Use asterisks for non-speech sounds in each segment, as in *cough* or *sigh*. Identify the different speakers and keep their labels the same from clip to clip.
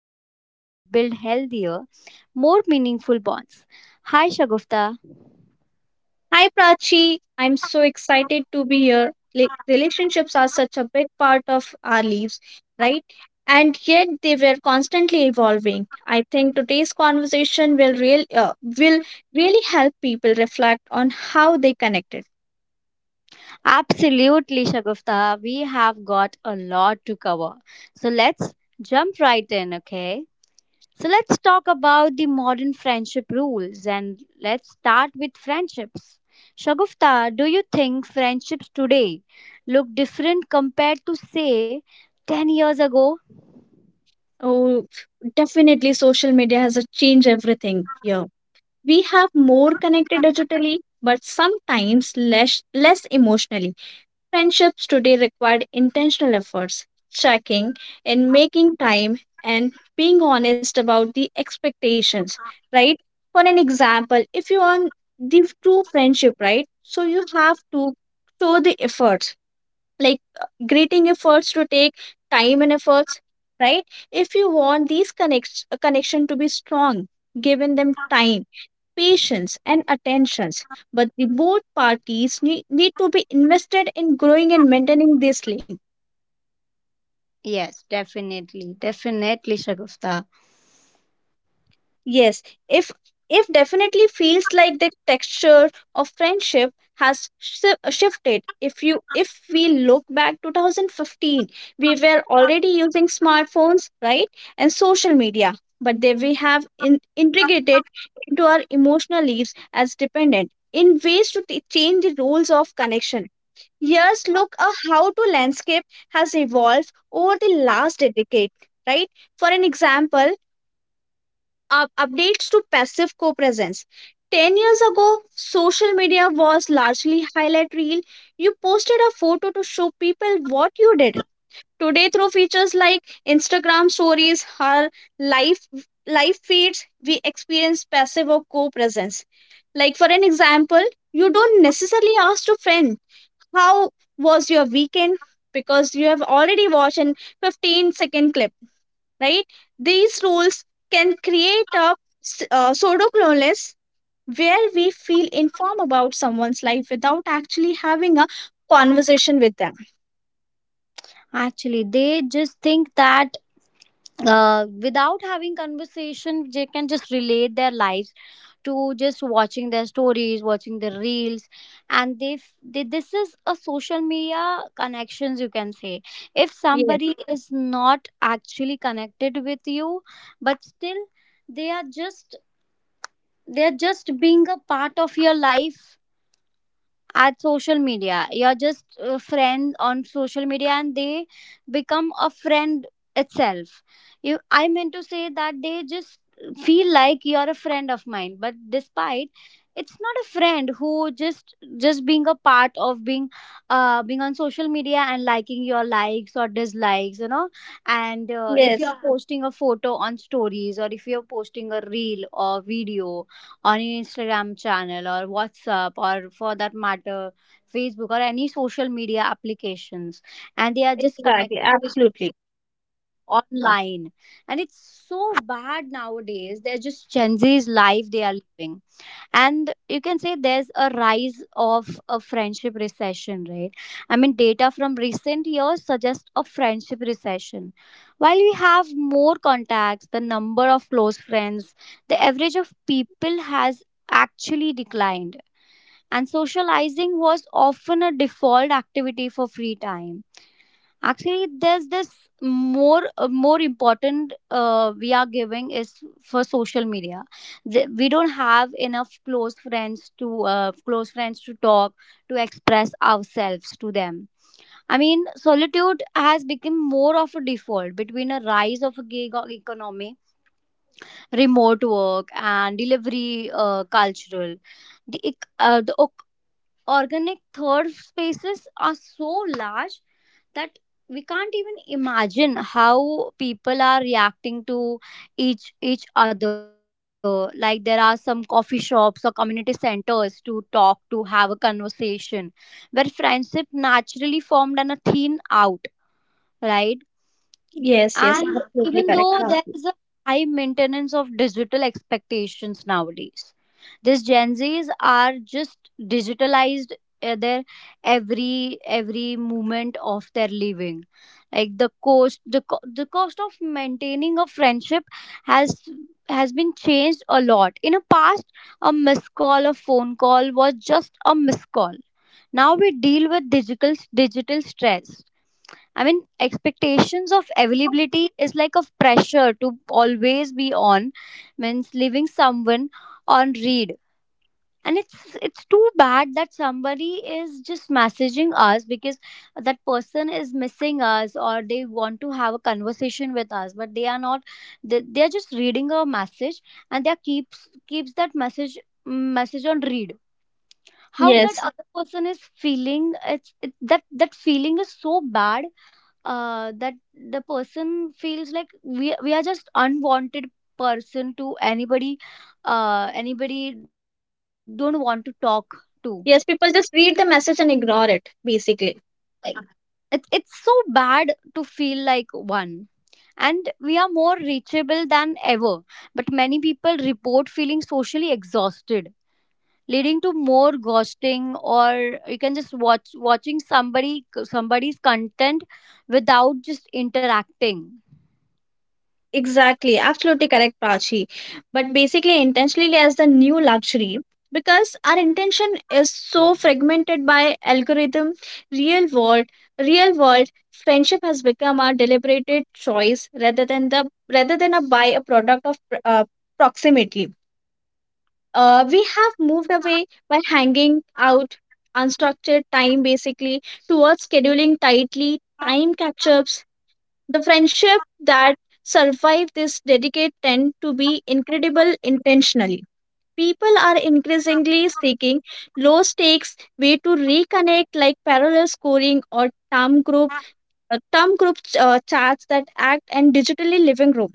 Speaker 1: helping people build healthier, more meaningful bonds. Hi, Shagufta.
Speaker 2: Hi Prachi, I'm so excited to be here. Like, relationships are such a big part of our lives, right? And yet they were constantly evolving. I think today's conversation will will really help people reflect on how they connected.
Speaker 1: Absolutely, Shagufta. We have got a lot to cover. So let's jump right in, okay? So let's talk about the modern friendship rules and let's start with friendships. Shagufta, do you think friendships today look different compared to say 10 years ago?
Speaker 2: Oh, definitely social media has changed everything here. We have more connected digitally, but sometimes less emotionally. Friendships today require intentional efforts, checking and making time, and being honest about the expectations, right? For an example, if you want the true friendship, right? So you have to show the efforts, like greeting efforts to take time and efforts, right? If you want these connection to be strong, given them time, patience, and attentions. But the both parties need to be invested in growing and maintaining this link.
Speaker 1: Yes, definitely. Definitely, Shagufta.
Speaker 2: Yes, if if definitely feels like the texture of friendship has shifted. If you if we look back 2015, we were already using smartphones, right? And social media, but they we have integrated into our emotional lives as dependent in ways to change the rules of connection. Yes, look how to landscape has evolved over the last decade, right? For an example, updates to passive co-presence. 10 years ago, social media was largely highlight reel. You posted a photo to show people what you did. Today, through features like Instagram stories or live live feeds, we experience passive or co-presence. Like for an example, you don't necessarily ask to friend how was your weekend because you have already watched an 15-second clip, right? These rules can create a pseudo clueless where we feel informed about someone's life without actually having a conversation with them.
Speaker 1: Actually, they just think that without having conversation, they can just relate their lives to just watching their stories, watching their reels. And they, this is a social media connections, you can say, if
Speaker 2: Yes,
Speaker 1: somebody is not actually connected with you, but still they are just they are just being a part of your life. At social media, you're just a friend on social media, and they become a friend itself. You, I meant to say that they just feel like you're a friend of mine, but despite, it's not a friend who just being a part of being being on social media, and liking your likes or dislikes, and if you're, yeah, posting a photo on stories, or if you're posting a reel or video on your Instagram channel or WhatsApp, or for that matter, Facebook or any social media applications. And they are just
Speaker 2: exactly,
Speaker 1: connected with
Speaker 2: absolutely.
Speaker 1: online. And it's so bad nowadays. They're just Gen Z's life they are living. And you can say there's a rise of a friendship recession, right? I mean, data from recent years suggest a friendship recession. While we have more contacts, the number of close friends the average of people has actually declined. And socializing was often a default activity for free time. Actually, there's this more important, we are giving is for social media. We don't have enough close friends to talk to express ourselves to them. I mean, solitude has become more of a default between a rise of a gig economy, remote work and delivery cultural. The organic third spaces are so large that we can't even imagine how people are reacting to each other. Like, there are some coffee shops or community centers to talk, to have a conversation where friendship naturally formed and a thin out, right?
Speaker 2: Yes, yes,
Speaker 1: And even
Speaker 2: absolutely correct,
Speaker 1: though there
Speaker 2: Raashi.
Speaker 1: is a high maintenance of digital expectations nowadays, these Gen Zs are just digitalized, their every moment of their living. Like the cost of maintaining a friendship has has been changed a lot. In the past, a missed call, a phone call was just a missed call. Now we deal with digital stress. I mean, expectations of availability is like a pressure to always be on, means leaving someone on read. And it's too bad that somebody is just messaging us because that person is missing us or they want to have a conversation with us, but they are not. They are just reading a message, and they are keeps that message on read. How that
Speaker 2: Yes,
Speaker 1: other person is feeling, it's it, that that feeling is so bad, that the person feels like we are just unwanted person to anybody, anybody don't want to talk to,
Speaker 2: yes, people just read the message and ignore it basically.
Speaker 1: like, it's so bad to feel like one. And we are more reachable than ever, but many people report feeling socially exhausted, leading to more ghosting, or you can just watching somebody's content without just interacting.
Speaker 2: Exactly, absolutely correct, Prachi. But basically, intentionally as the new luxury, because our intention is so fragmented by algorithm, real world, real world friendship has become a deliberated choice rather than the rather than a buy a product of uh, proximity. We have moved away by hanging out unstructured time basically towards scheduling tightly time catch ups. The friendship that survive this dedicate tend to be incredible intentionally. People are increasingly seeking low stakes way to reconnect, like parallel scoring or term group chats that act and digitally living room,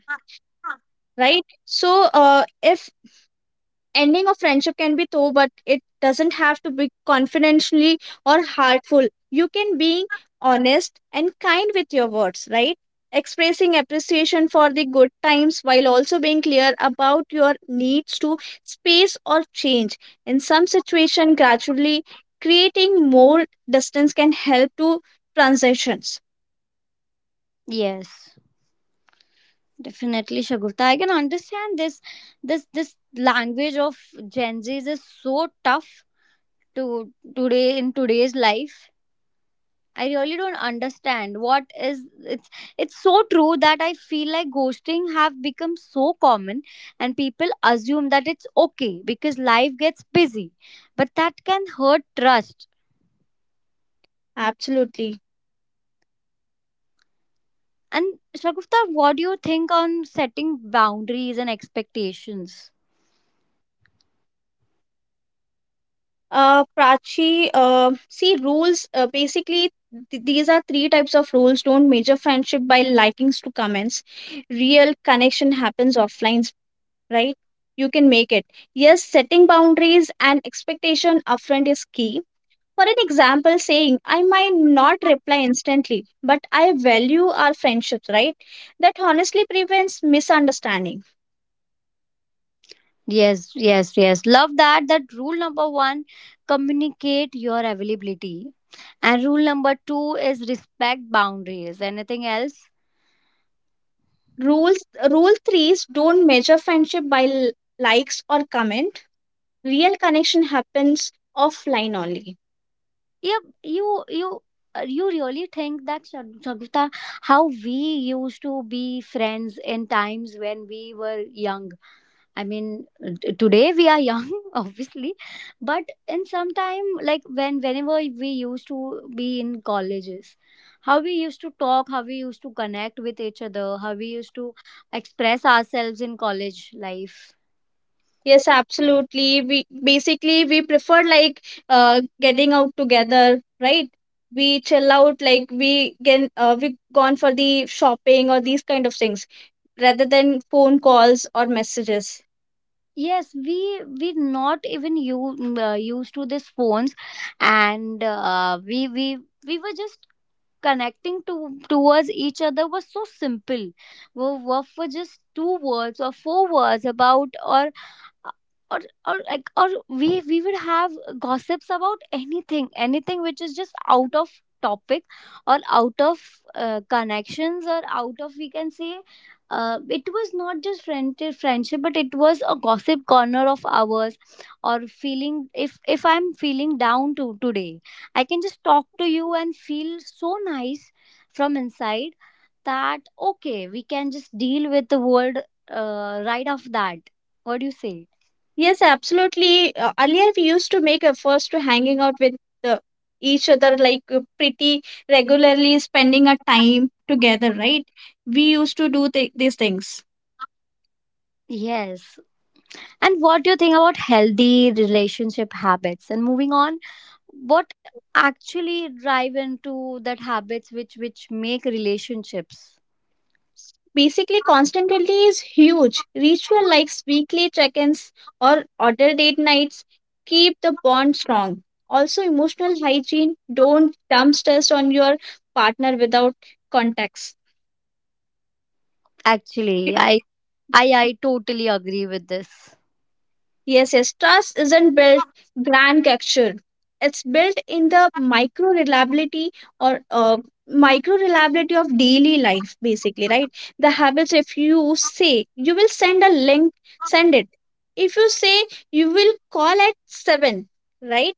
Speaker 2: right? So if ending of friendship can be though, but it doesn't have to be confidentially or hurtful. You can be honest and kind with your words, right? Expressing appreciation for the good times while also being clear about your needs to space or change. In some situation gradually creating more distance can help to transitions.
Speaker 1: Yes. Definitely, Shagufta. I can understand this. This language of Gen Zs is so tough to today in today's life. I really don't understand what is. It's it's so true that I feel like ghosting have become so common, and people assume that it's okay because life gets busy. But that can hurt trust.
Speaker 2: Absolutely.
Speaker 1: And Shagufta, what do you think on setting boundaries and expectations?
Speaker 2: Prachi, see rules. Basically, these are three types of rules. Don't measure friendship by likings to comments. Real connection happens offline, right? You can make it. Yes, setting boundaries and expectation upfront is key. For an example, saying I might not reply instantly, but I value our friendships, right? That honestly prevents misunderstanding.
Speaker 1: Yes, yes, yes. Love that. That rule number one, communicate your availability. And rule number two is respect boundaries. Anything else?
Speaker 2: Rules Rule three is don't measure friendship by likes or comment. Real connection happens offline only.
Speaker 1: Yep. You really think that, Shabita, how we used to be friends in times when we were young. I mean, today we are young, *laughs* obviously, but in some time, like whenever we used to be in colleges, how we used to talk, how we used to connect with each other, how we used to express ourselves in college life.
Speaker 2: Yes, absolutely. We basically we prefer like getting out together, right? We chill out, like we get we gone for the shopping or these kind of things rather than phone calls or messages.
Speaker 1: Yes, we not even you used to these phones, and we were just connecting to towards each other was so simple. Were just two words or four words about uh, or or we would have gossips about anything which is just out of topic, or out of connections, or out of we can say, it was not just friendship, but it was a gossip corner of ours, or feeling if I'm feeling down to today. I can just talk to you and feel so nice from inside, that okay, we can just deal with the world, right off that. What do you say?
Speaker 2: Yes, absolutely. Earlier we used to make efforts to hanging out with the, each other, like pretty regularly spending a time together, right? We used to do these things.
Speaker 1: Yes. And what do you think about healthy relationship habits? And moving on, what actually drive into that habits which make relationships?
Speaker 2: Basically, constantly is huge. Ritual like weekly check ins or other date nights keep the bond strong. Also, emotional hygiene, don't dump stress on your partner without context.
Speaker 1: Actually, I totally agree with this.
Speaker 2: Yes, yes, trust isn't built grand gesture. It's built in the micro reliability or micro reliability of daily life, basically, right? The habits, if you say you will send a link, send it. If you say you will call at 7, right?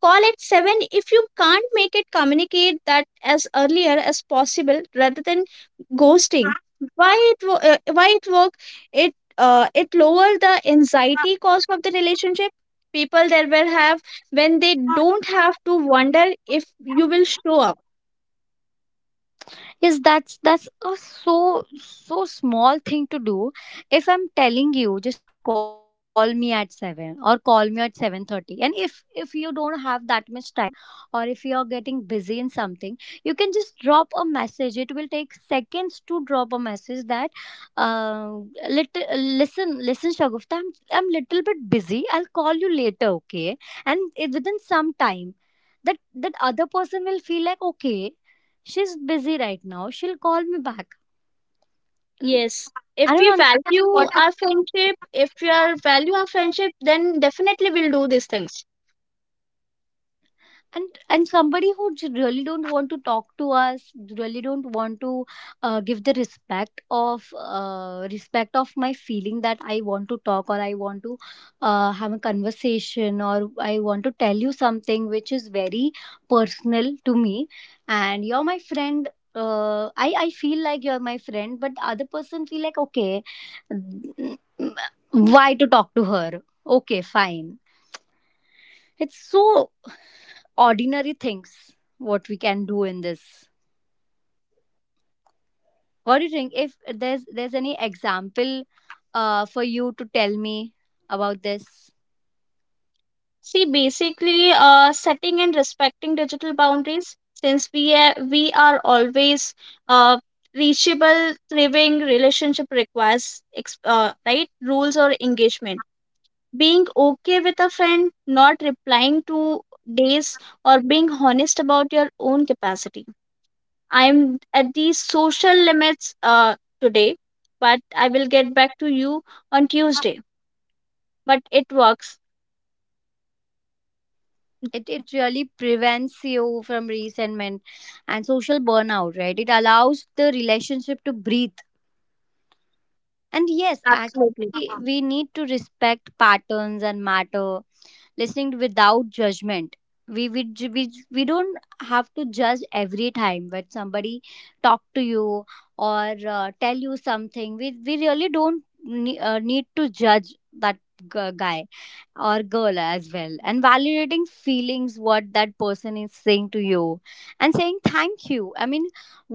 Speaker 2: Call at 7 if you can't make it, communicate that as earlier as possible rather than ghosting. Why it why it work? It lower the anxiety cost of the relationship. People there will have when they don't have to wonder if you will show up.
Speaker 1: Yes, that's a so small thing to do. If I'm telling you, just call me at 7, or call me at 7:30, and if you don't have that much time, or if you're getting busy in something, you can just drop a message. It will take seconds to drop a message that uh, little, listen Shagufta, I'm little bit busy, I'll call you later, okay? And within some time, that other person will feel like, okay, she's busy right now. She'll call me back. Mm,
Speaker 2: Yes. If
Speaker 1: I don't
Speaker 2: we
Speaker 1: understand
Speaker 2: value
Speaker 1: what is.
Speaker 2: our friendship, if we are value our friendship, then definitely we'll do these things.
Speaker 1: And somebody who really don't want to talk to us, really don't want to give the respect of my feeling, that I want to talk, or I want to have a conversation, or I want to tell you something which is very personal to me, and you're my friend. I feel like you're my friend, but the other person feel like, okay, why to talk to her? Okay, fine. It's so ordinary things. What we can do in this? What do you think? If there's any example, for you to tell me about this.
Speaker 2: See, basically, setting and respecting digital boundaries, since we are always uh, reachable, thriving relationship requires right rules or engagement. Being okay with a friend not replying to days, or being honest about your own capacity. I'm at these social limits today, but I will get back to you on Tuesday. But it works.
Speaker 1: It really prevents you from resentment and social burnout, right? It allows the relationship to breathe. And yes,
Speaker 2: Absolutely.
Speaker 1: actually we need to respect patterns and matter, listening without judgment. We we ju- we, we don't have to judge every time when somebody talk to you, or tell you something. We really don't need to judge that guy or girl as well, and validating feelings, what that person is saying to you, and saying thank you. I mean,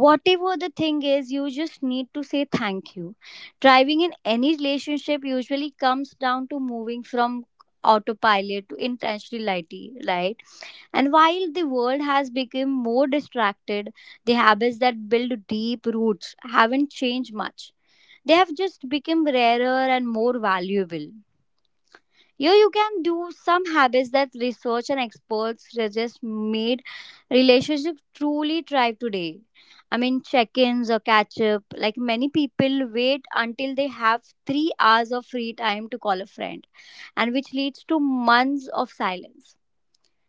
Speaker 1: whatever the thing is, you just need to say thank you. Driving in any relationship usually comes down to moving from autopilot to intentionality, right? And while the world has become more distracted, the habits that build deep roots haven't changed much. They have just become rarer and more valuable. Here you can do some habits that research and experts suggest made relationships truly thrive today. I mean, check ins or catch up. Like many people wait until they have 3 hours of free time to call a friend, and which leads to months of silence.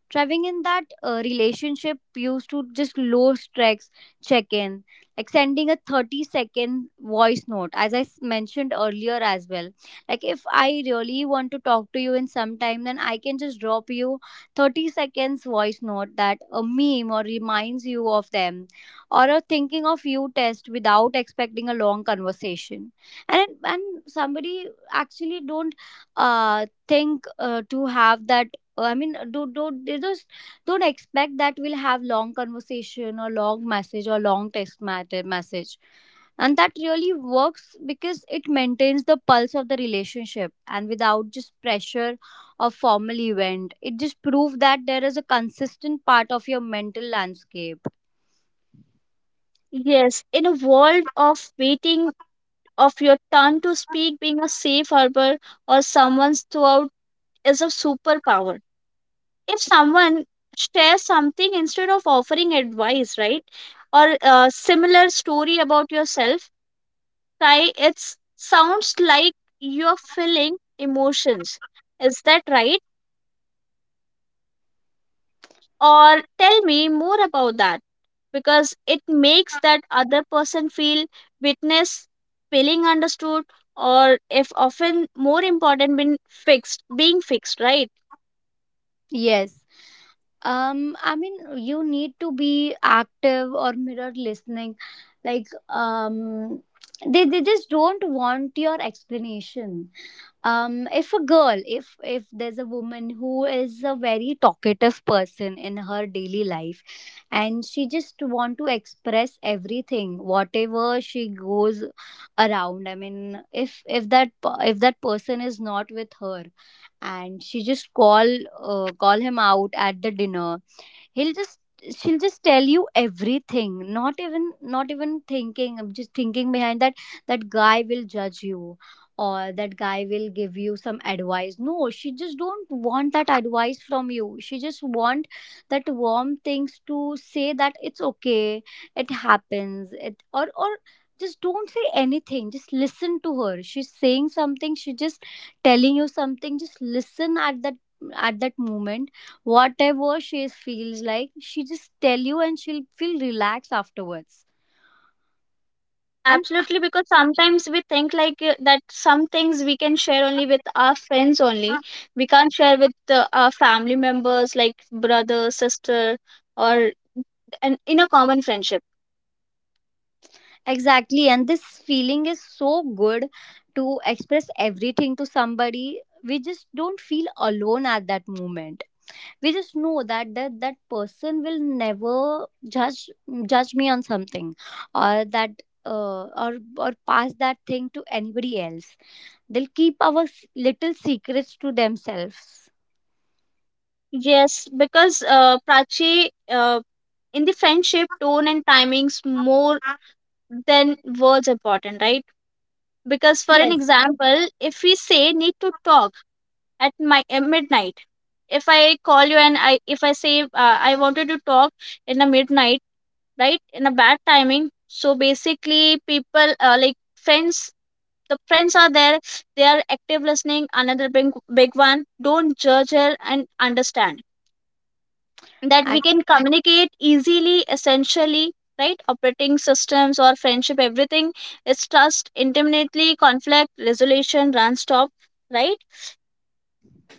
Speaker 1: Travelling in that relationship used to just low stress check in, like sending a 30-second voice note, as I mentioned earlier as well. Like, if I really want to talk to you in some time, then I can just drop you 30 seconds voice note that a meme or reminds you of them, or a thinking of you test without expecting a long conversation. And somebody actually don't think to have that. I mean do don't they just don't expect that we'll have long conversation or long message or long text matter message, and that really works because it maintains the pulse of the relationship and without just pressure of formal event. It just proves that there is a consistent part of your mental landscape.
Speaker 2: Yes, in a world of waiting of your turn to speak, being a safe harbor or someone's throughout is a superpower. If someone shares something instead of offering advice, right, or a similar story about yourself, try it sounds like you're feeling emotions. Is that right? Or tell me more about that, because it makes that other person feel witness, feeling understood, or if often more important, being fixed, right?
Speaker 1: Yes. I mean, you need to be active or mirror listening. Like, they just don't want your explanation. If a girl, if there's a woman who is a very talkative person in her daily life, and she just want to express everything whatever she goes around. I mean, if that per- if that person is not with her, and she just call call him out at the dinner, he'll just she'll just tell you everything, not even not even thinking, I'm just thinking behind that, that guy will judge you or that guy will give you some advice. No, she just don't want that advice from you. She just want that warm things to say, that it's okay, it happens, it, or just don't say anything, just listen to her. She's saying something, she's just telling you something, just listen at that, at that moment, whatever she feels like, she just tell you, and she'll feel relaxed afterwards. And
Speaker 2: Absolutely, because sometimes we think like that some things we can share only with our friends only. We can't share with our family members like brother, sister, or in a common friendship.
Speaker 1: exactly, and this feeling is so good to express everything to somebody. We just don't feel alone at that moment. We just know that that, that person will never judge me on something, or that or pass that thing to anybody else. They'll keep our s- little secrets to themselves.
Speaker 2: Yes, because Prachi, in the friendship, tone and timings more than words important, right? Because for an
Speaker 1: Yes,
Speaker 2: example if we say need to talk at my midnight. If I call you and I if I say I wanted to talk in a midnight, right? In a bad timing, so basically people like friends, the friends are there. They are active listening, another big one. Don't judge her and understand that
Speaker 1: I.
Speaker 2: we can communicate easily essentially, right? Operating systems or friendship, everything is trust intimately, conflict resolution run stop, right?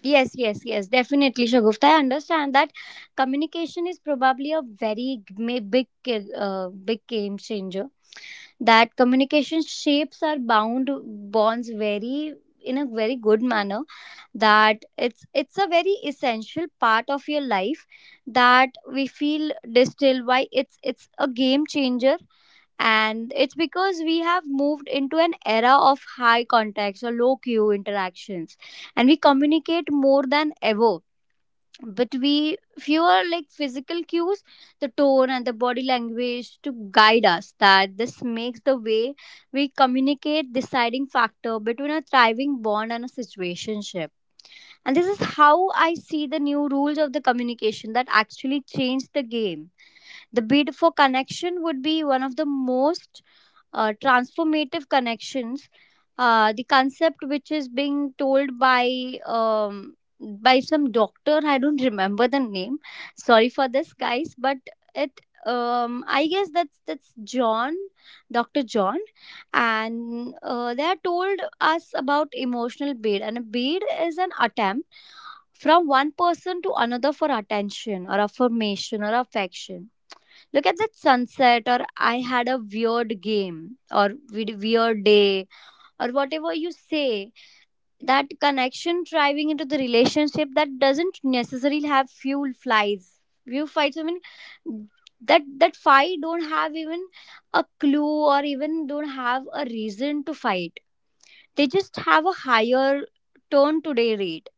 Speaker 1: Yes, yes, yes, definitely, Shagufta. I understand that communication is probably a very g- ma- big, ca- big game changer. That communication shapes our bound bonds very, in a very good manner. That it's a very essential part of your life, that we feel distilled. Why it's a game changer, and it's because we have moved into an era of high contacts or low queue interactions, and we communicate more than ever, but we fewer like physical cues, the tone and the body language to guide us, that this makes the way we communicate deciding factor between a thriving bond and a situationship. And this is how I see the new rules of the communication that actually changed the game. The bid for connection would be one of the most transformative connections, the concept which is being told by some doctor, I don't remember the name, sorry for this guys, but it, I guess that's John, Dr. John, and they are told us about emotional bid. And a bid is an attempt from one person to another for attention or affirmation or affection. Look at that sunset, or I had a weird game, or "We- weird day, or whatever you say. That connection driving into the relationship that doesn't necessarily have fuel flies, view fights. I mean that that fight don't have even a clue, or even don't have a reason to fight. They just have a higher tone today rate.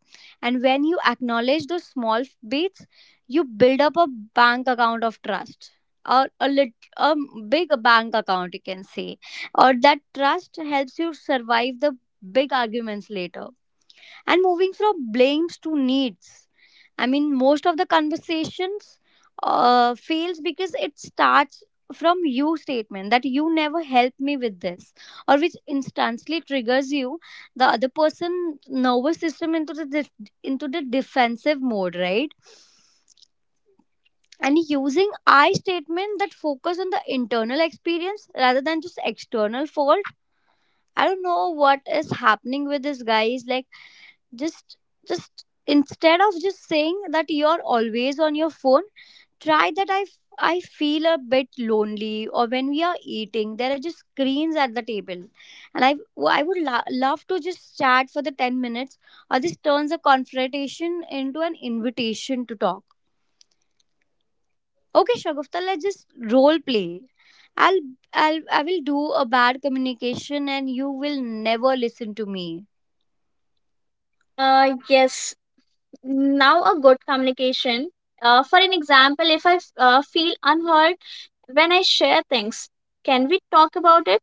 Speaker 1: And when you acknowledge those small beats, you build up a bank account of trust, or a, lit- a big bank account, you can say, or that trust helps you survive the big arguments later. And moving from blames to needs, I mean, most of the conversations fails because it starts from you statement, that you never helped me with this, or which instantly triggers you, the other person nervous system into the def- into the defensive mode, right? And using I statement that focus on the internal experience rather than just external fault. I don't know what is happening with this guys, like, just just instead of just saying that you're always on your phone, try that I f- I feel a bit lonely, or when we are eating there are just screens at the table, and I I would lo- love to just chat for the 10 minutes, or this turns a confrontation into an invitation to talk. Okay, Shagufta, let's just role play. i'll I'll I will do a bad communication, and you will never listen to me.
Speaker 2: Yes, now a good communication. For an example, if I feel unheard when I share things, can we talk about it?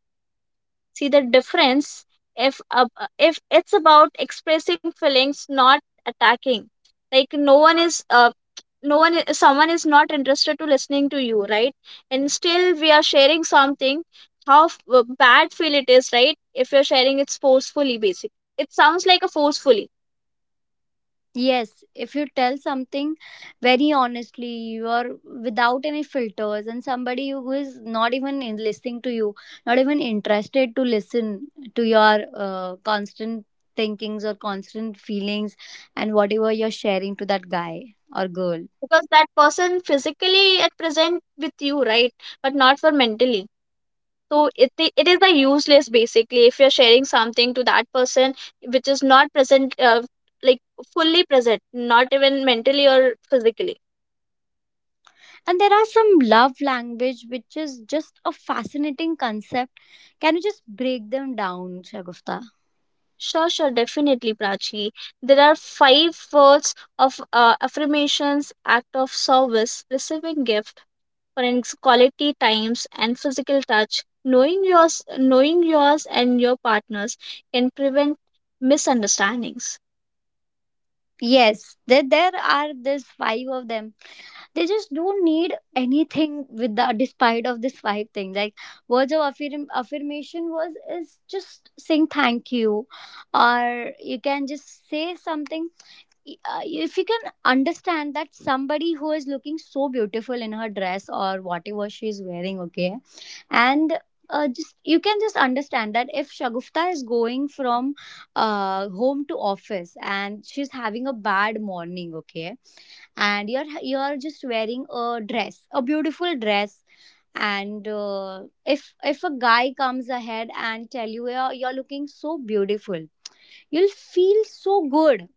Speaker 2: See the difference. If if it's about expressing feelings not attacking, like no one is no one I- someone is not interested to listening to you, right? And still we are sharing something, how bad feel it is, right? If you're sharing it's forcefully, basic it sounds like a forcefully.
Speaker 1: Yes, if you tell something very honestly, you are without any filters, and somebody who is not even in- listening to you, not even interested to listen to your constant thinkings or constant feelings, and whatever you're sharing to that guy or girl.
Speaker 2: Because that person physically at present with you, right, but not for mentally. So it is the useless basically if you're sharing something to that person which is not present, like fully present, not even mentally or physically.
Speaker 1: And there are some love language which is just a fascinating concept. Can you just break them down, Shagufta?
Speaker 2: Sure, sure, definitely Prachi. There are five words of affirmations, act of service, receiving gift, for quality times and physical touch. Knowing yours knowing yours and your partners can prevent misunderstandings.
Speaker 1: Yes, there are this five of them. They just don't need anything with the despite of this vibe thing, like words of affirm, affirmation was is just saying thank you, or you can just say something. If you can understand that somebody who is looking so beautiful in her dress or whatever she is wearing, okay, and just you can just understand that if Shagufta is going from home to office and she's having a bad morning, okay, and you're just wearing a dress, a beautiful dress, and if a guy comes ahead and tell you you're looking so beautiful, you'll feel so good,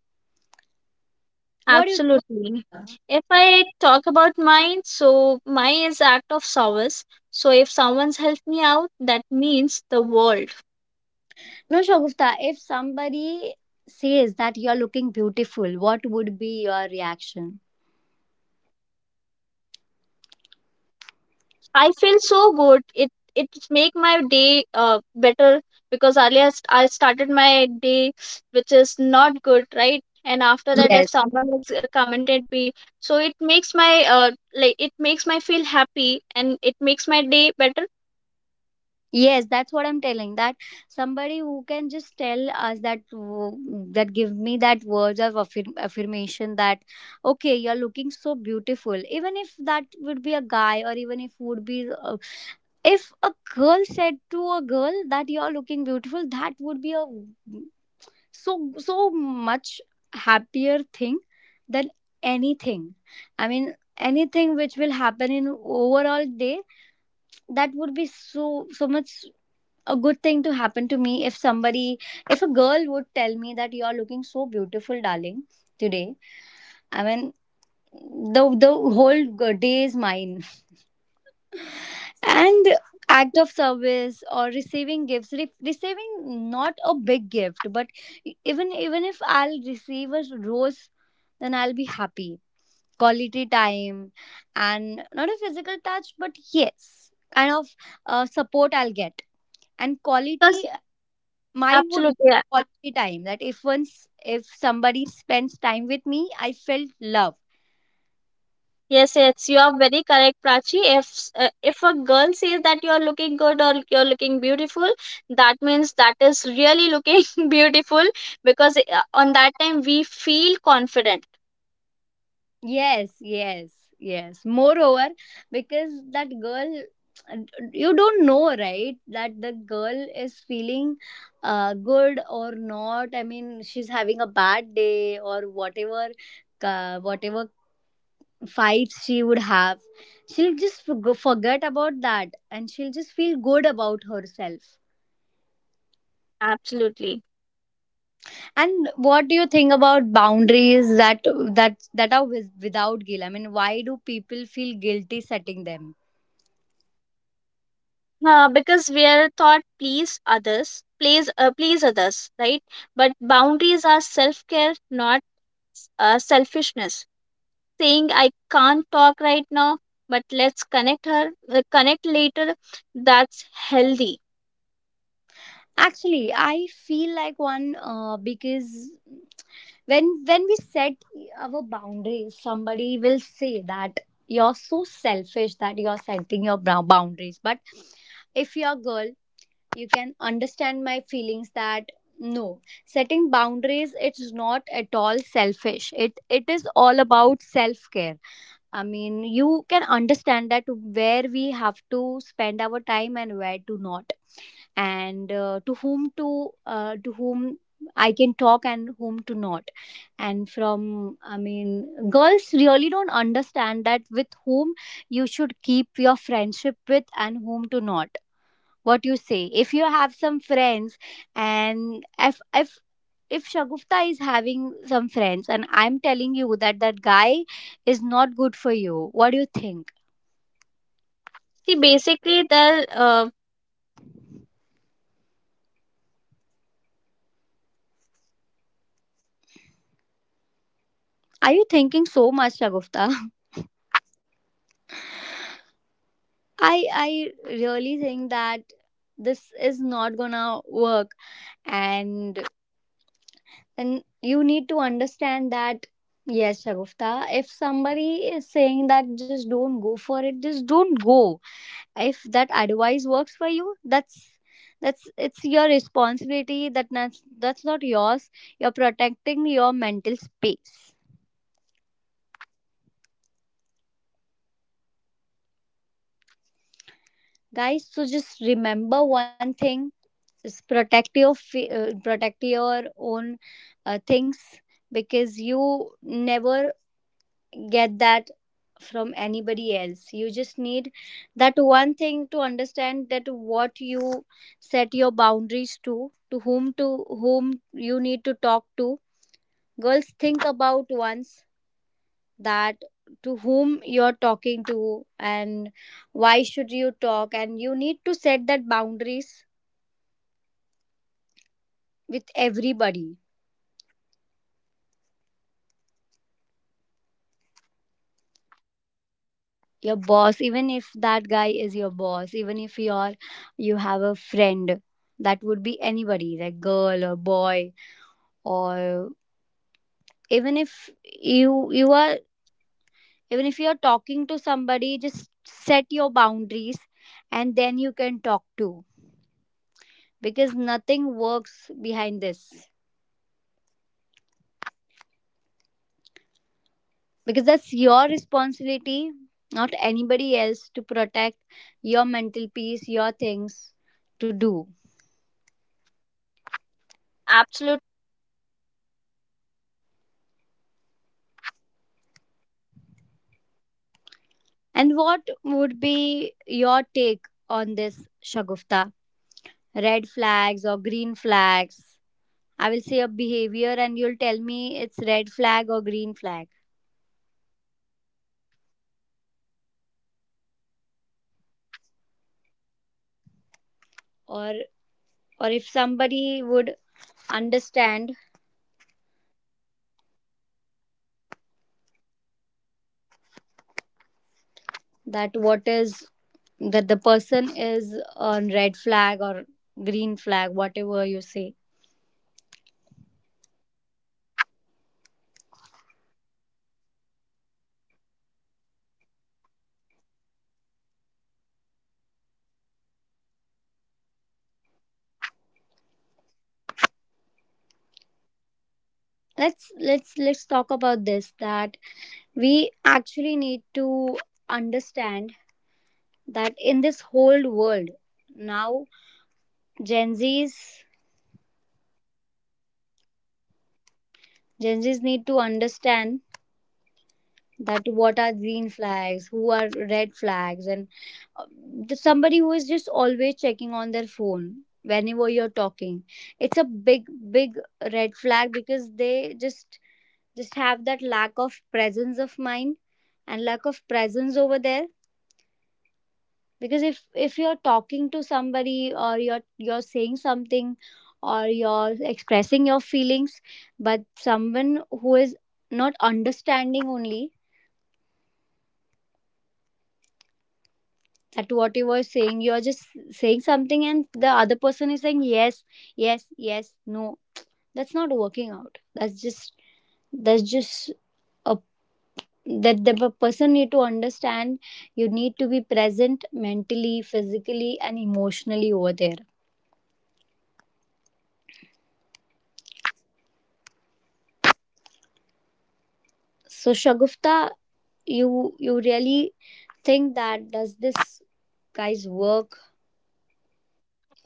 Speaker 1: what do you
Speaker 2: Absolutely.
Speaker 1: think?
Speaker 2: If I talk about mine, so mine is act of service. So if someone's helped me out, that means the world.
Speaker 1: No, Shagufta, if somebody says that you're looking beautiful, what would be your reaction?
Speaker 2: I feel so good. It make my day better, because earlier I started my day, which is not good, right? And after that, if
Speaker 1: Yes.
Speaker 2: someone has commented me, so it makes my it makes my feel happy and it makes my day better.
Speaker 1: Yes, that's what I'm telling. That somebody who can just tell us that w- that give me that words of affirm- affirmation that okay, you're looking so beautiful. Even if that would be a guy, or even if would be if a girl said to a girl that you're looking beautiful, that would be a so so much happier thing than anything. I mean, anything which will happen in overall day, that would be so so much a good thing to happen to me, if somebody, if a girl would tell me that you're looking so beautiful, darling, today, I mean, the whole g- day is mine. And act of service, or receiving gifts, re- receiving, not a big gift, but e, even if I'll receive a rose, then I'll be happy. Quality time, and not a physical touch, but yes, kind of support I'll get, and
Speaker 2: Because
Speaker 1: quality, mine would,
Speaker 2: absolutely, yeah.
Speaker 1: quality time, that if once if somebody spends time with me, I felt love.
Speaker 2: Yes, yes, you are very correct, Prachi. If if a girl says that you are looking good or you're looking beautiful, that means that is really looking *laughs* beautiful, because on that time we feel confident.
Speaker 1: Yes, yes, yes, moreover, because that girl, you don't know, right, that the girl is feeling good or not. I mean, she's having a bad day or whatever, whatever fights she would have, she'll just forg- forget about that, and she'll just feel good about herself.
Speaker 2: Absolutely,
Speaker 1: And what do you think about boundaries, that that that are with, without guilt? I mean, why do people feel guilty setting them?
Speaker 2: because we are taught please others, please others, right? But boundaries are self care, not selfishness. Saying I can't talk right now, but let's connect later. That's healthy.
Speaker 1: Actually, I feel like one because when we set our boundaries, somebody will say that you're so selfish, that you're setting your bou- boundaries. But if you're a girl, you can understand my feelings that no, setting boundaries, it's not at all selfish, it is all about self care. I mean, you can understand that where we have to spend our time and where to not, and to whom I can talk and whom to not. And from, I mean, girls really don't understand that with whom you should keep your friendship with and whom to not. What you say, if you have some friends, and if Shagufta is having some friends, and I'm telling you that that guy is not good for you, what do you think?
Speaker 2: See, basically, they'll
Speaker 1: Are you thinking so much, Shagufta? *laughs* i I really think that this is not gonna work, and and you need to understand that. Yes, Shagufta, if somebody is saying that, just don't go for it, just don't go. If that advice works for you, that's it's your responsibility, that that's not yours, you're protecting your mental space. Guys, so just remember one thing, is protect your fe- protect your own things, because you never get that from anybody else. You just need that one thing to understand that what you set your boundaries to whom, to whom you need to talk to. Girls, think about once, that to whom you're talking to, and why should you talk, and you need to set that boundaries with everybody. Your boss, even if that guy is your boss, even if you're, you have a friend, that would be anybody like girl or boy, or even if you are, even if you're talking to somebody, just set your boundaries, and then you can talk to, because nothing works behind this. Because that's your responsibility, not anybody else, to protect your mental peace, your things to do.
Speaker 2: Absolute.
Speaker 1: And what would be your take on this, Shagufta? Red flags or green flags? I will say a behavior, and you'll tell me it's red flag or green flag. Or or if somebody would understand that what is that the person is on red flag or green flag, whatever you say. Let's talk about this, that we actually need to understand that in this whole world now, gen z's gen Z's need to understand that what are green flags, who are red flags. And um, the somebody who is just always checking on their phone whenever you're talking, it's a big big red flag because they just have that lack of presence of mind and lack of presence over there. Because if you're talking to somebody or you're saying something or you're expressing your feelings, but someone who is not understanding only that what you were saying, you are just saying something and the other person is saying yes, yes, no, that's not working out. That's just that's just a that the person need to understand, you need to be present mentally, physically and emotionally over there. So Shagufta, you you really think that does this guys work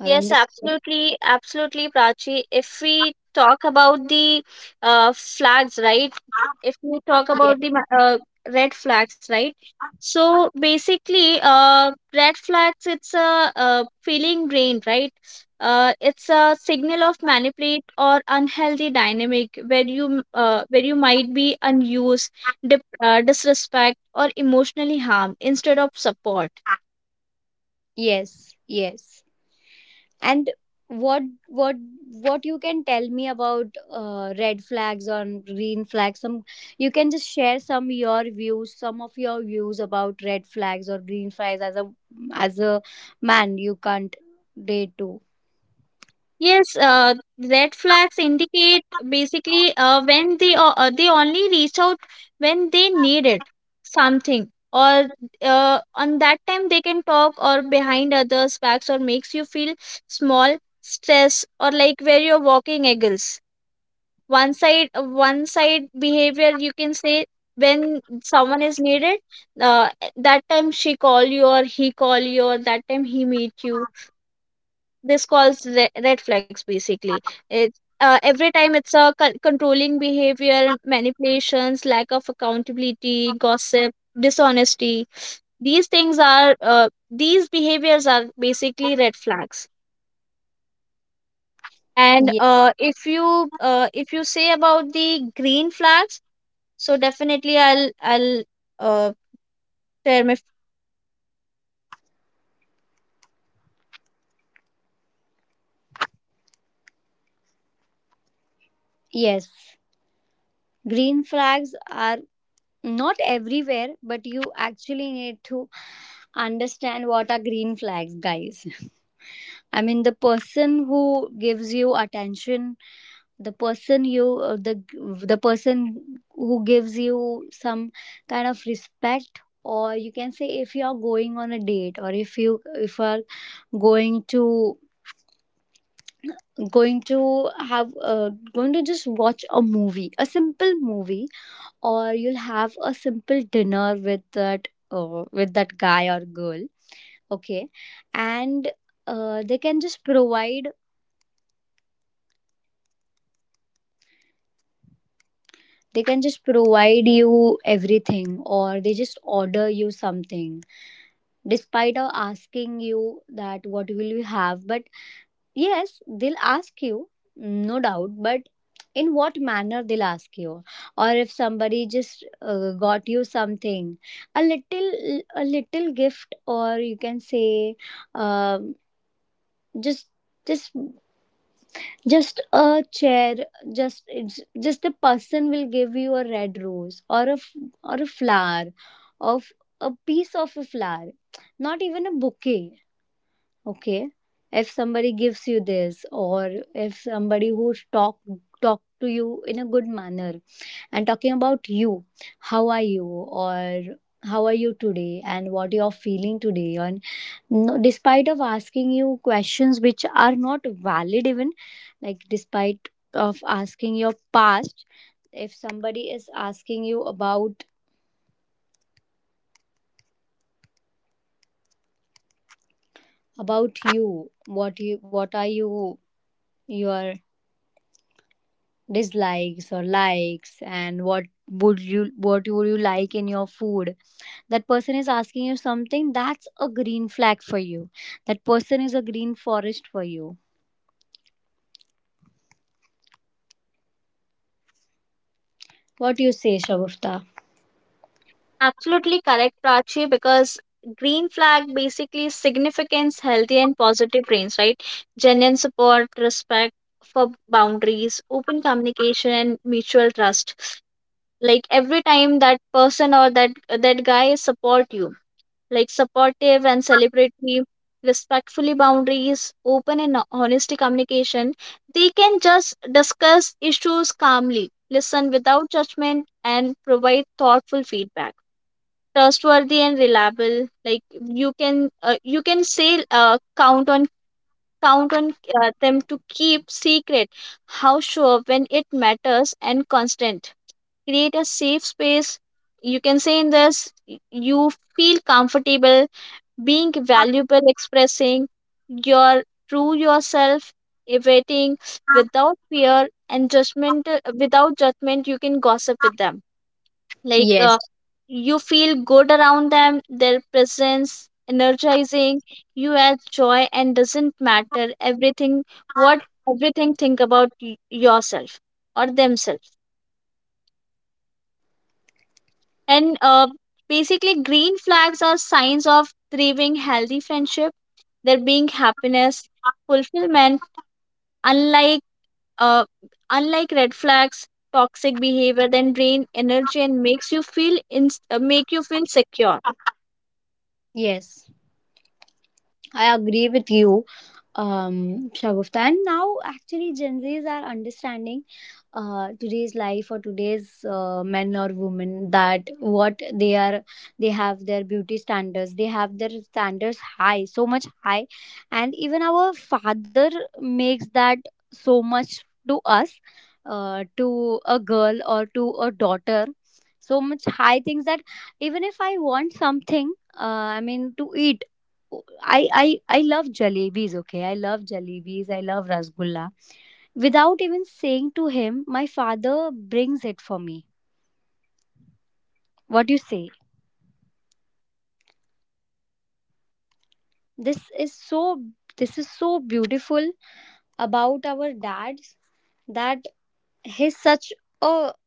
Speaker 1: or understand?
Speaker 2: absolutely, Prachi. If we talk about the flags, right? If we talk
Speaker 1: yes
Speaker 2: about the red flags, right? So basically, red flags, it's a, feeling brain, right? It's a signal of manipulate or unhealthy dynamic where you might be unused, disrespect, or emotionally harmed instead of support.
Speaker 1: yes yes. And what what what you can tell me about red flags or green flags? Some, you can just share some your views, some of your views about red flags or green flags as a man you can't date to.
Speaker 2: Yes, red flags indicate basically when they only reach out when they need it something, or on that time they can talk, or behind others' backs or makes you feel small, stress, or like where you're walking eagles. One side behavior you can say, when someone is needed, uh, that time she call you or he call you or that time he meet you. This calls red flags basically. It's every time it's a controlling behavior, manipulations, lack of accountability, gossip, dishonesty. These things are these behaviors are basically red flags. And
Speaker 1: Ye-
Speaker 2: if you say about the green flags, so definitely I'll uh, share my.
Speaker 1: yes, green flags are not everywhere, but you actually need to understand what are green flags, guys. *laughs* I mean, the person who gives you attention, the person you, the person who gives you some kind of respect. Or you can say if you are going on a date, or if you are going to going to have going to just watch a movie, a simple movie, or you'll have a simple dinner with that guy or girl. Okay. And uh, they can just provide they can just provide you everything, or they just order you something despite of asking you that what will you have. But yes, they'll ask you, no doubt, but in what manner they'll ask you. Or if somebody just got you something, a little gift, or you can say, um, just just just a chair, just it's just a person will give you a red rose, or a flower, of a piece of a flower, not even a bouquet. Okay. If somebody gives you this, or if somebody who talk to you in a good manner and talking about you. How are you? Or how are you today? And what you're feeling today? And no, despite of asking you questions which are not valid even, like despite of asking your past, if somebody is asking you about you, what are you, are dislikes or likes, and what would you like in your food, that person is asking you something, that's a green flag for you. That person is a green forest for you. What do you say, Shavufta?
Speaker 2: Absolutely correct, Prachi, because green flag basically signifies healthy and positive brains, right? Genuine support, respect for boundaries, open communication and mutual trust. Like every time that person or that guy support you, like supportive and celebratory, respectfully boundaries, open and honesty communication, they can just discuss issues calmly, listen without judgment and provide thoughtful feedback, trustworthy and reliable, like you can say count on them to keep secret, how sure when it matters and constant create a safe space, you can say in this y- you feel comfortable being valuable expressing your true yourself, evading without fear and judgment, without judgment you can gossip with them, like
Speaker 1: Yes,
Speaker 2: you feel good around them, their presence energizing, you add joy and doesn't matter everything, what everything think about yourself or themselves. And basically green flags are signs of thriving healthy friendship, there being happiness, fulfillment, unlike uh, unlike red flags toxic behavior then drain energy and makes you feel make you feel secure.
Speaker 1: yes, I agree with you Shagufta. And now actually Gen Zs are understanding uh, today's life or today's men or women, that what they are. They have their beauty standards, they have their standards high, so much high. And even our father makes that so much to us, to a girl or to a daughter. So much high things that even if I want something, I mean to eat, I love jalebis, okay. I love jalebis. I love rasgulla. Without even saying to him, my father brings it for me. What do you say? This is so this is so beautiful about our dads, that he's such a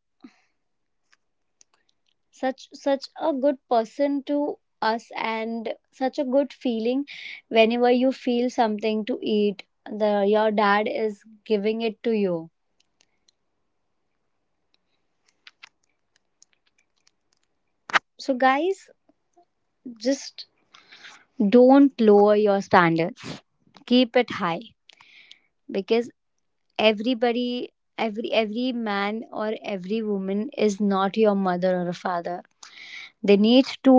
Speaker 1: such a good person to us, and such a good feeling. Whenever you feel something to eat, the your dad is giving it to you. So guys, just don't lower your standards. Keep it high, because everybody, every man or every woman is not your mother or a father.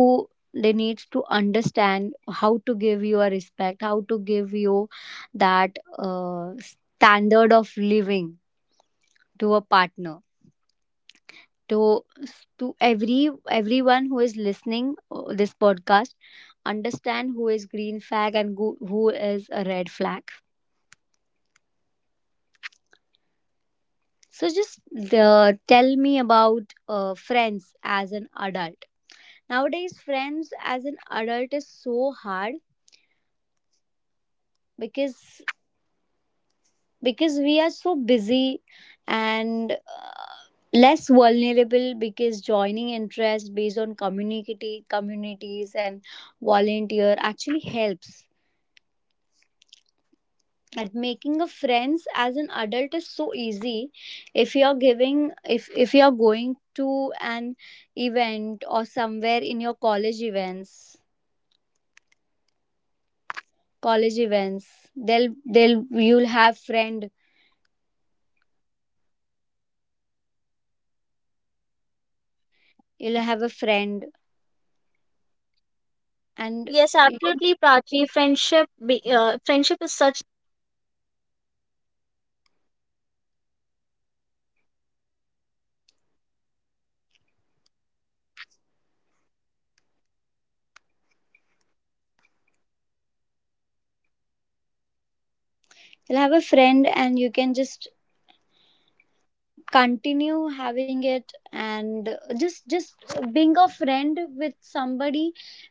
Speaker 1: They need to understand how to give you a respect, how to give you that standard of living to a partner. To to everyone who is listening this podcast, understand who is green flag and who is a red flag. So just tell me about friends as an adult. Nowadays, friends as an adult is so hard, because we are so busy, and less vulnerable. Because joining interest based on community, communities and volunteer actually helps, that making a friends as an adult is so easy. If you're giving, if you're going to an event or somewhere in your college events, they'll you'll have friend, you'll have a friend. And
Speaker 2: Yes,
Speaker 1: you-
Speaker 2: absolutely, Prachi. Friendship, friendship is such.
Speaker 1: you'll have a friend, and you can just continue having it. And just being a friend with somebody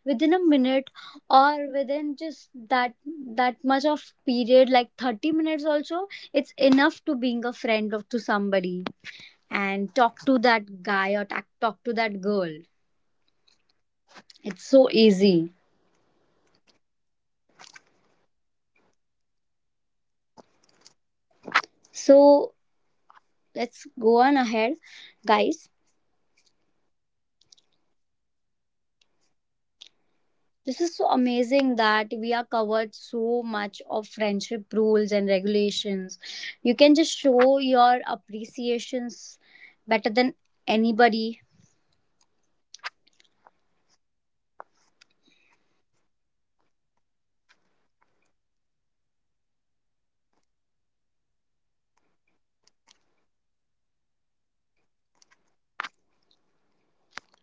Speaker 1: within a minute, or within just that that much of period, like 30 minutes also, it's enough to being a friend of to somebody, and talk to that guy, or talk to that girl. It's so easy. So let's go on ahead, guys. This is so amazing that we are covered so much of friendship rules and regulations. You can just show your appreciations better than anybody,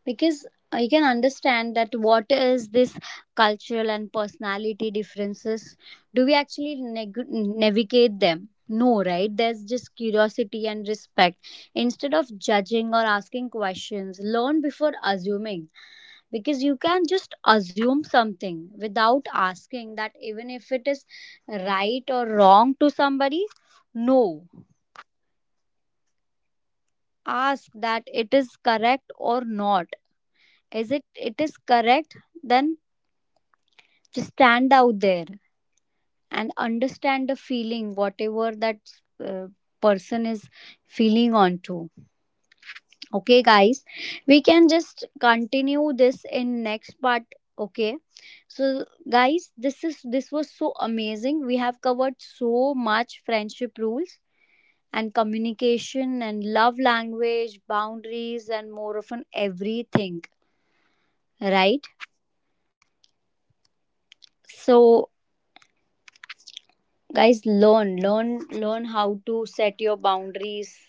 Speaker 1: because you can understand that what is this cultural and personality differences. Do we actually navigate them? No, right? There's just curiosity and respect. Instead of judging or asking questions, learn before assuming, because you can just assume something without asking, that even if it is right or wrong to somebody. No, ask that it is correct or not. Is it, it is correct, then just stand out there and understand the feeling whatever that uh, person is feeling onto. Okay guys, we can just continue this in next part. Okay, so guys, this was so amazing, we have covered so much friendship rules and communication and love language boundaries and more of an everything, right? So guys, learn how to set your boundaries,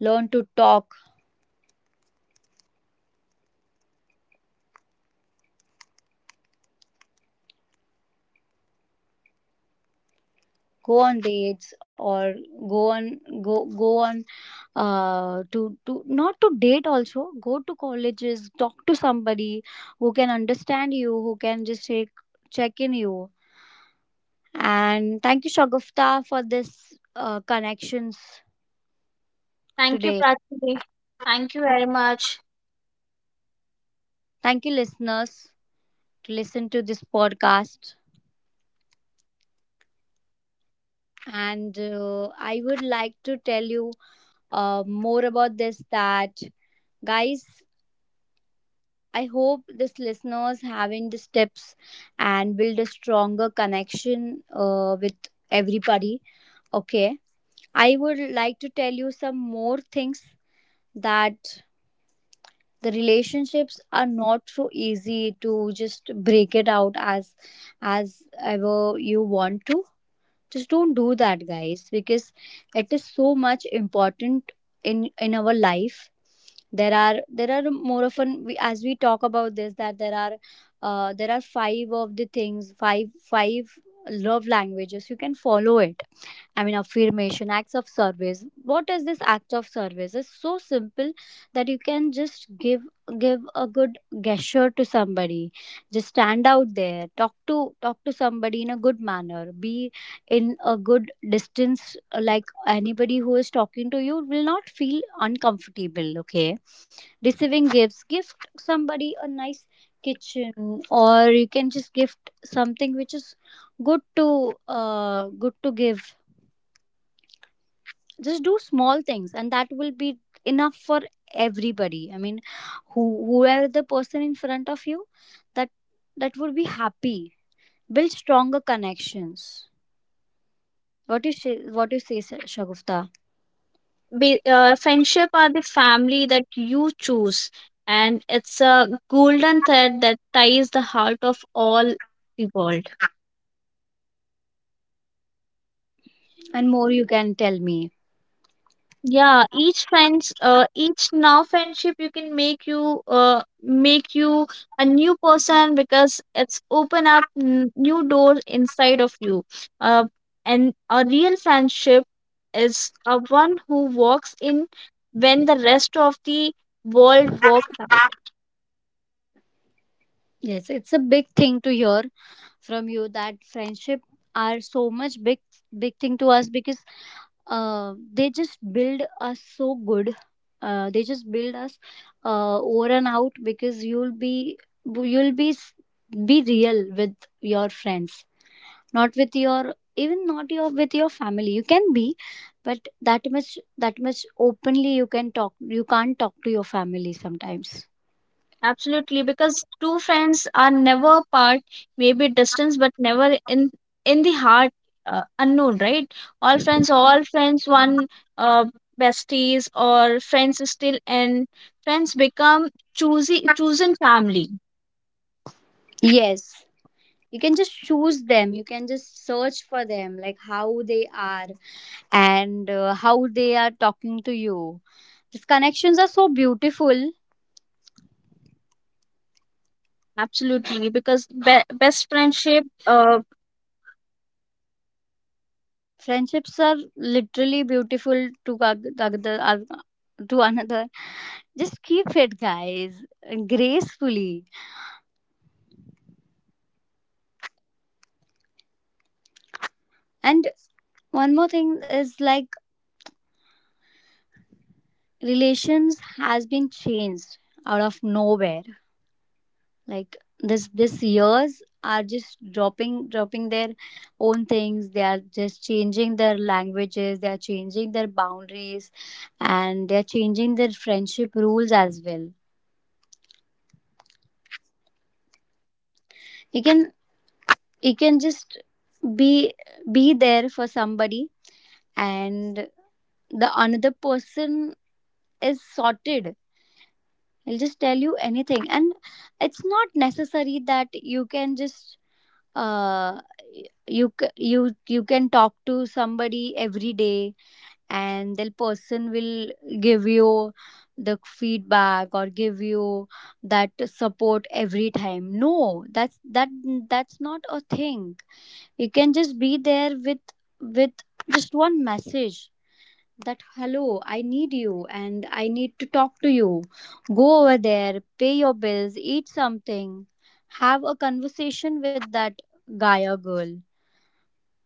Speaker 1: learn to talk, go on dates, or go on go on to not to date also, go to colleges, talk to somebody who can understand you, who can just check in you. And thank you Shagufta for this connections
Speaker 2: Thank you,
Speaker 1: today.
Speaker 2: Pratibhi. Thank you very much.
Speaker 1: Thank you listeners to listen to this podcast. And I would like to tell you more about this, that guys, I hope this listeners having the steps and build a stronger connection with everybody. Okay, I would like to tell you some more things, that the relationships are not so easy to just break it out as ever you want to. Just don't do that guys, because it is so much important in our life. There are, more often we, as we talk about this, that there are five of the things, five love languages you can follow it. I mean, affirmation, acts of service. What is this act of service? It's so simple, that you can just give a good gesture to somebody. Just stand out there, talk to somebody in a good manner. Be in a good distance, like anybody who is talking to you will not feel uncomfortable. Okay, receiving gifts, gift somebody a nice kitchen, or you can just gift something which is good to good to give. Just do small things, and that will be enough for everybody. I mean, who whoever the person in front of you, that that would be happy. Build stronger connections. What you say, Shagufta?
Speaker 2: Friendship are the family that you choose, and it's a golden thread that ties the heart of all the world.
Speaker 1: And more you can tell me.
Speaker 2: Yeah, each friends each now friendship you can make you a new person because it's open up new doors inside of you. uh, and a real friendship is a one who walks in when the rest of the world walks out.
Speaker 1: Yes, it's a big thing to hear from you, that friendship are so much big thing to us, because they just build us so good. They just build us over and out. Because you'll be, you'll be s- be real with your friends, not with your even not your with your family. You can be, but that much openly you can talk. You can't talk to your family sometimes.
Speaker 2: Absolutely, because two friends are never apart, maybe distance, but never in the heart, unknown, right? All friends, one uh, besties or friends still, and friends become choosy chosen family.
Speaker 1: Yes. You can just choose them. You can just search for them, like how they are, and how they are talking to you. These connections are so beautiful.
Speaker 2: Absolutely, because best friendship,
Speaker 1: Friendships are literally beautiful to to another. Just keep it, guys, gracefully. And one more thing is like relations has been changed out of nowhere. Like this years are just dropping their own things. They are just changing their languages. They are changing their boundaries, and they are changing their friendship rules as well. You can you can just be be there for somebody, and the another person is sorted, he'll just tell you anything. And it's not necessary that you can just uh you can talk to somebody every day, and the person will give you the feedback, or give you that support every time. No, that's that that's not a thing. You can just be there with with just one message, that hello, I need you, and I need to talk to you. Go over there, pay your bills, eat something, have a conversation with that guy or girl.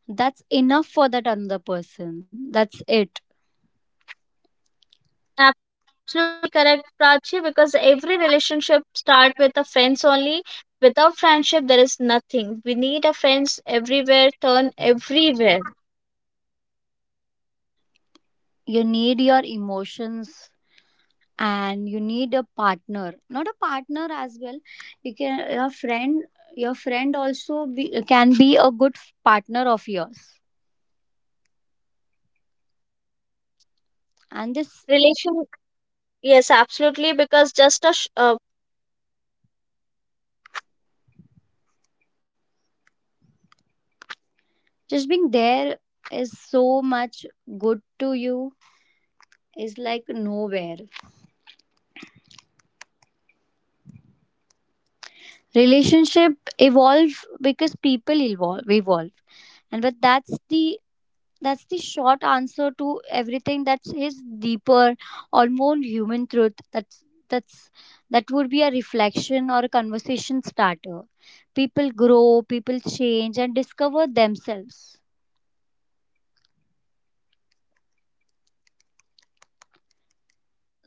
Speaker 1: That's enough for that another person. That's it.
Speaker 2: absolutely correct, Prachi, because every relationship start with a friends. Without friendship, there is nothing. We need a friends everywhere, turn everywhere.
Speaker 1: You need your emotions, and you need a partner, not a partner as well. You can your friend, your friend also can be a good partner of yours. And this,
Speaker 2: Relation, yes, absolutely, because just a
Speaker 1: just being there is so much good to you, is like nowhere. Relationship evolve because people evolve. And but that's the short answer to everything that is deeper or more human truth. That's that would be a reflection or a conversation starter. People grow, people change and discover themselves.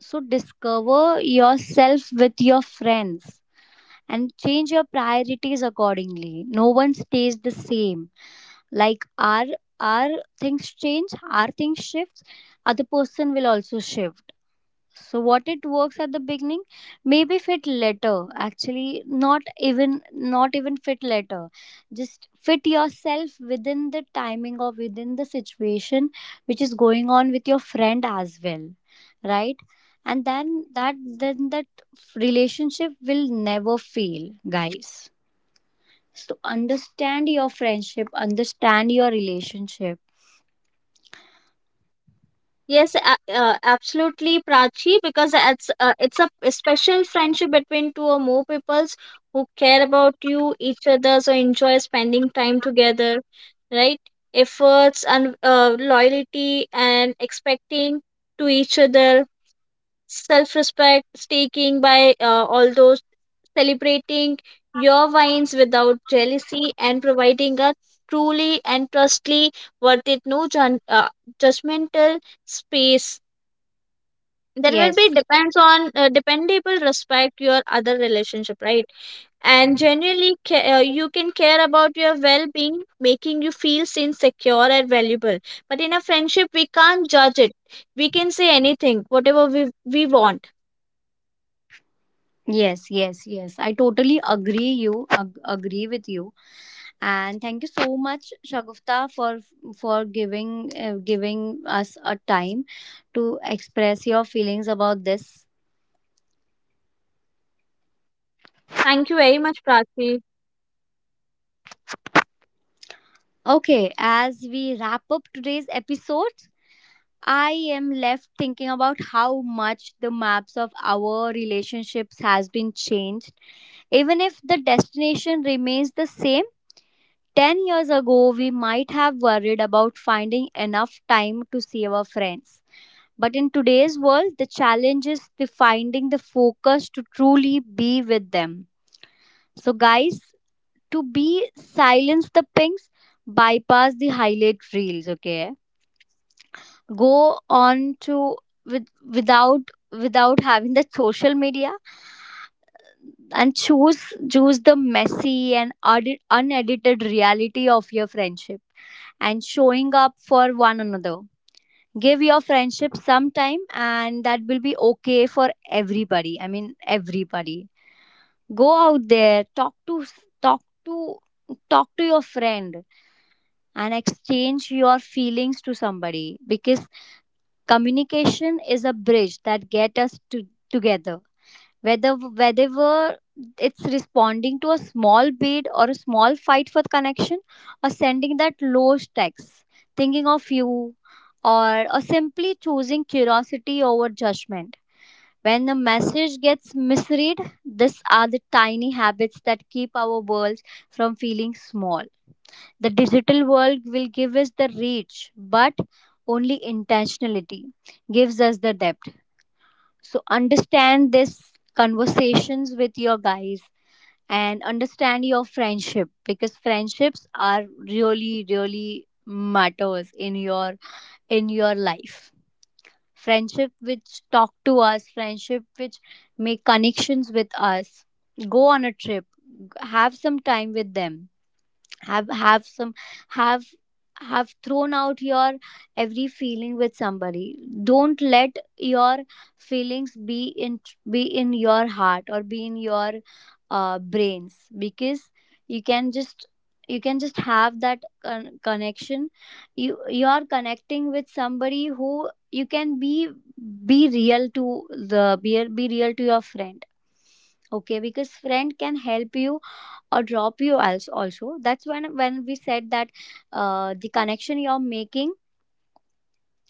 Speaker 1: So discover yourself with your friends and change your priorities accordingly. No one stays the same. Like our things change, our things shifts, other person will also shift. So what it works at the beginning maybe fit later. Actually, not even fit later. Just fit yourself within the timing or within the situation which is going on with your friend as well, right? And then that relationship will never fail, guys. So understand your friendship, understand your relationship.
Speaker 2: yes, absolutely, Prachi, because it's a special friendship between two or more peoples who care about you, each other, so enjoy spending time together, right? Efforts and loyalty and expecting to each other, self-respect, taking by all those, celebrating your wines without jealousy and providing a truly and trustly worth it, no judgmental space, there will
Speaker 1: Yes,
Speaker 2: be depends on dependable respect your other relationship, right? And generally you can care about your well-being, making you feel seen, secure and valuable, but in a friendship we can't judge it, we can say anything whatever we want.
Speaker 1: yes. I totally agree agree with you. And thank you so much, Shagufta, for giving us a time to express your feelings about this.
Speaker 2: Thank you very much, Prachi.
Speaker 1: Okay, as we wrap up today's episode, I am left thinking about how much the maps of our relationships has been changed. Even if the destination remains the same, 10 years ago we might have worried about finding enough time to see our friends. But in today's world, the challenge is the finding the focus to truly be with them. So, guys, to be silence the pings, bypass the highlight reels. Okay, go on to with without without having the social media and choose the messy and unedited reality of your friendship and showing up for one another. Give your friendship some time and that will be okay for everybody, I mean everybody. Go out there, talk to talk to your friend and exchange your feelings to somebody, because communication is a bridge that get us to together, whether it's responding to a small bid or a small fight for connection, or sending that low text, thinking of you, or simply choosing curiosity over judgment when the message gets misread. These are the tiny habits that keep our worlds from feeling small. The digital world will give us the reach, but only intentionality gives us the depth. So understand this, conversations with your guys, and understand your friendship, because friendships are really really matters in your life. Friendship which talk to us, friendship which make connections with us. Go on a trip, have some time with them. Have have some have have thrown out your every feeling with somebody. Don't let your feelings be in your heart or be in your brains, because you can just you can just have that connection. You are connecting with somebody who you can be real to your friend. Okay, because friend can help you or drop you else also. That's when we said that the connection you're making,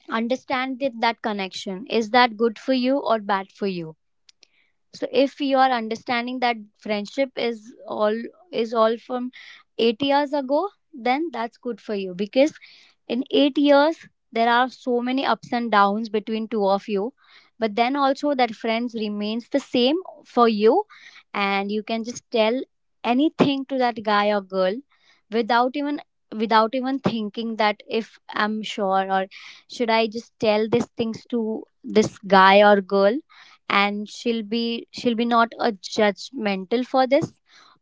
Speaker 1: understand that, that connection is that good for you or bad for you. So if you are understanding that friendship is all from 8 years ago, then that's good for you, because in 8 years there are so many ups and downs between two of you, but then also that friends remains the same for you. And you can just tell anything to that guy or girl without even without even thinking that if I'm sure, or should I just tell these things to this guy or girl, and she'll be not a judgmental for this.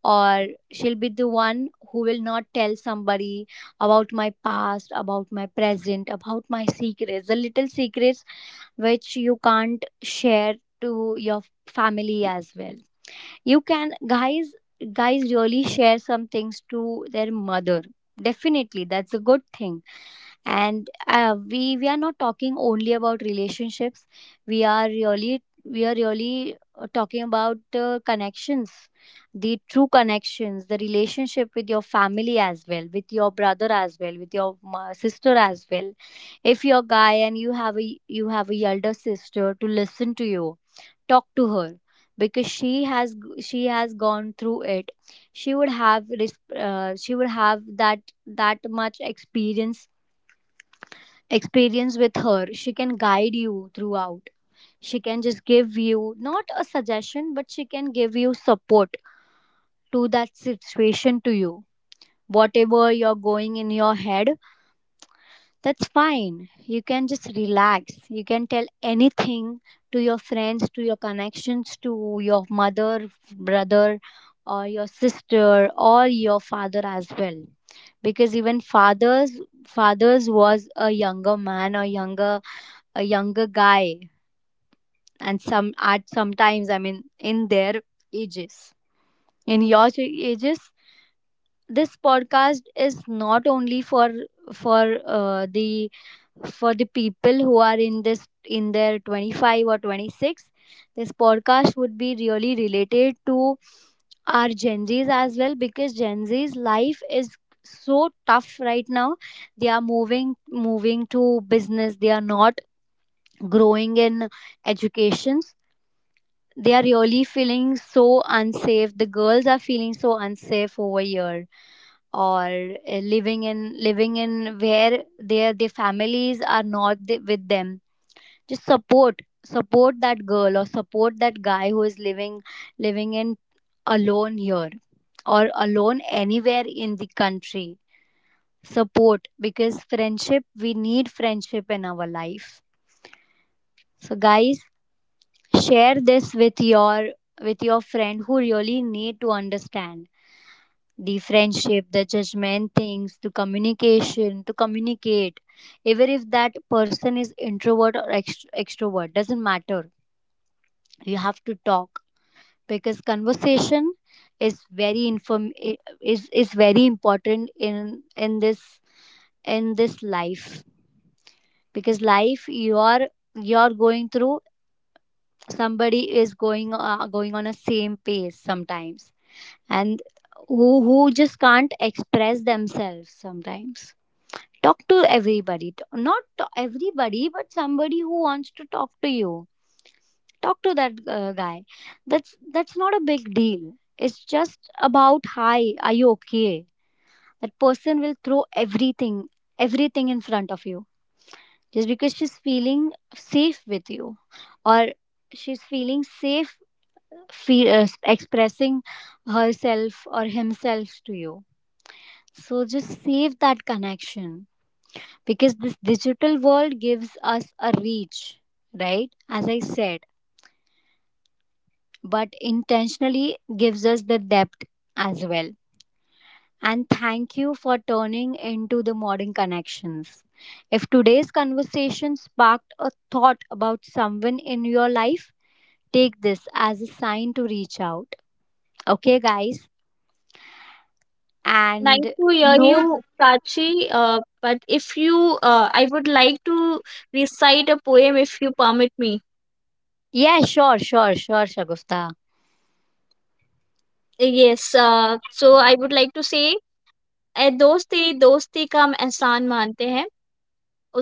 Speaker 1: Or she'll be the one who will not tell somebody about my past, about my present, about my secrets, the little secrets which you can't share to your family as well. You can guys, guys really share some things to their mother, definitely, that's a good thing. And we are not talking only about relationships. We are really talking about connections, the true connections, the relationship with your family as well, with your brother as well, with your sister as well. If you're a guy and you have a elder sister to listen to you, talk to her, because she has gone through it. She would have she would have that much experience with her. She can guide you throughout. She can just give you not a suggestion, but she can give you support to that situation to you. Whatever you're going in your head, that's fine. You can just relax, you can tell anything to your friends, to your connections, to your mother, brother, or your sister, or your father as well. Because even fathers was a younger man, or younger, a younger guy, and some at sometimes, I mean in their ages, in your ages. This podcast is not only for the for the people who are in this in their 25 or 26. This podcast would be really related to our Gen Zs as well, because Gen Z's life is so tough right now. They are moving to business. They are not growing in educations. They are really feeling so unsafe, the girls are feeling so unsafe over here, or living in where their families are not with them. Just support that girl, or support that guy who is living living in alone here, or alone anywhere in the country. Support, because friendship, we need friendship in our life. So guys, share this with your friend who really need to understand the friendship, the judgment things, to communication to communicate. Even if that person is introvert or extrovert, doesn't matter, you have to talk. Because conversation is is very important in this in this life. Because life you are, you're going through, somebody is going going on a same pace sometimes. And who just can't express themselves sometimes. Talk to everybody, not to everybody, but somebody who wants to talk to you. Talk to that guy. That's not a big deal, it's just about hi are you okay. That person will throw everything, everything in front of you, just because she's feeling safe with you. Or she's feeling safe, fe- uh, expressing herself or himself to you. So just save that connection, because this digital world gives us a reach, right? As I said, but intentionally gives us the depth as well. And thank you for turning into the modern connections. If today's conversation sparked a thought about someone in your life, take this as a sign to reach out. Okay, guys?
Speaker 2: Nice
Speaker 1: And
Speaker 2: to hear
Speaker 1: no,
Speaker 2: you, Prachi. But if you, I would like to recite a poem if you permit me.
Speaker 1: yeah, sure, sure, sure, Shagufta.
Speaker 2: Yes, so I would like to say, "ए दोस्ती दोस्ती का हम एहसान मानते हैं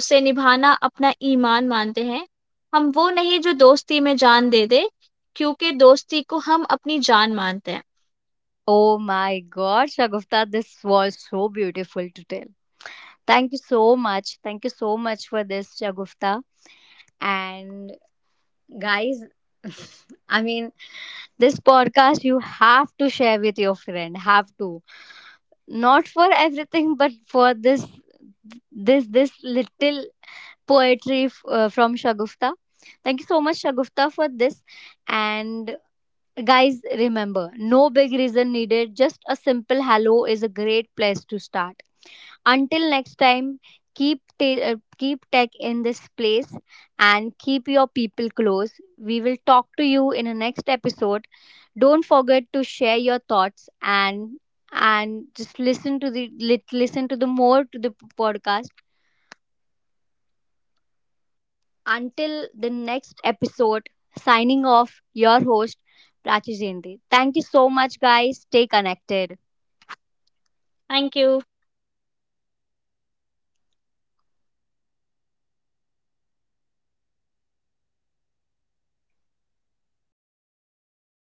Speaker 2: उसे निभाना अपना ईमान मानते हैं हम वो नहीं जो दोस्ती में जान दे दे क्योंकि दोस्ती को हम अपनी जान मानते हैं
Speaker 1: Oh my God, Shagufta, this was so beautiful to tell. Thank you so much. Thank you so much for this, Shagufta. And guys, *laughs* I mean, this podcast you have to share with your friend. Have to. Not for everything, but for this little poetry from Shagufta. Thank you so much, Shagufta, for this. And guys, remember, no big reason needed, just a simple hello is a great place to start. Until next time, keep keep tech in this place and keep your people close. We will talk to you in the next episode. Don't forget to share your thoughts, and just listen to the listen to the more to the podcast. Until the next episode, signing off your host Prachi Jayante. Thank you so much guys. Stay connected.
Speaker 2: Thank you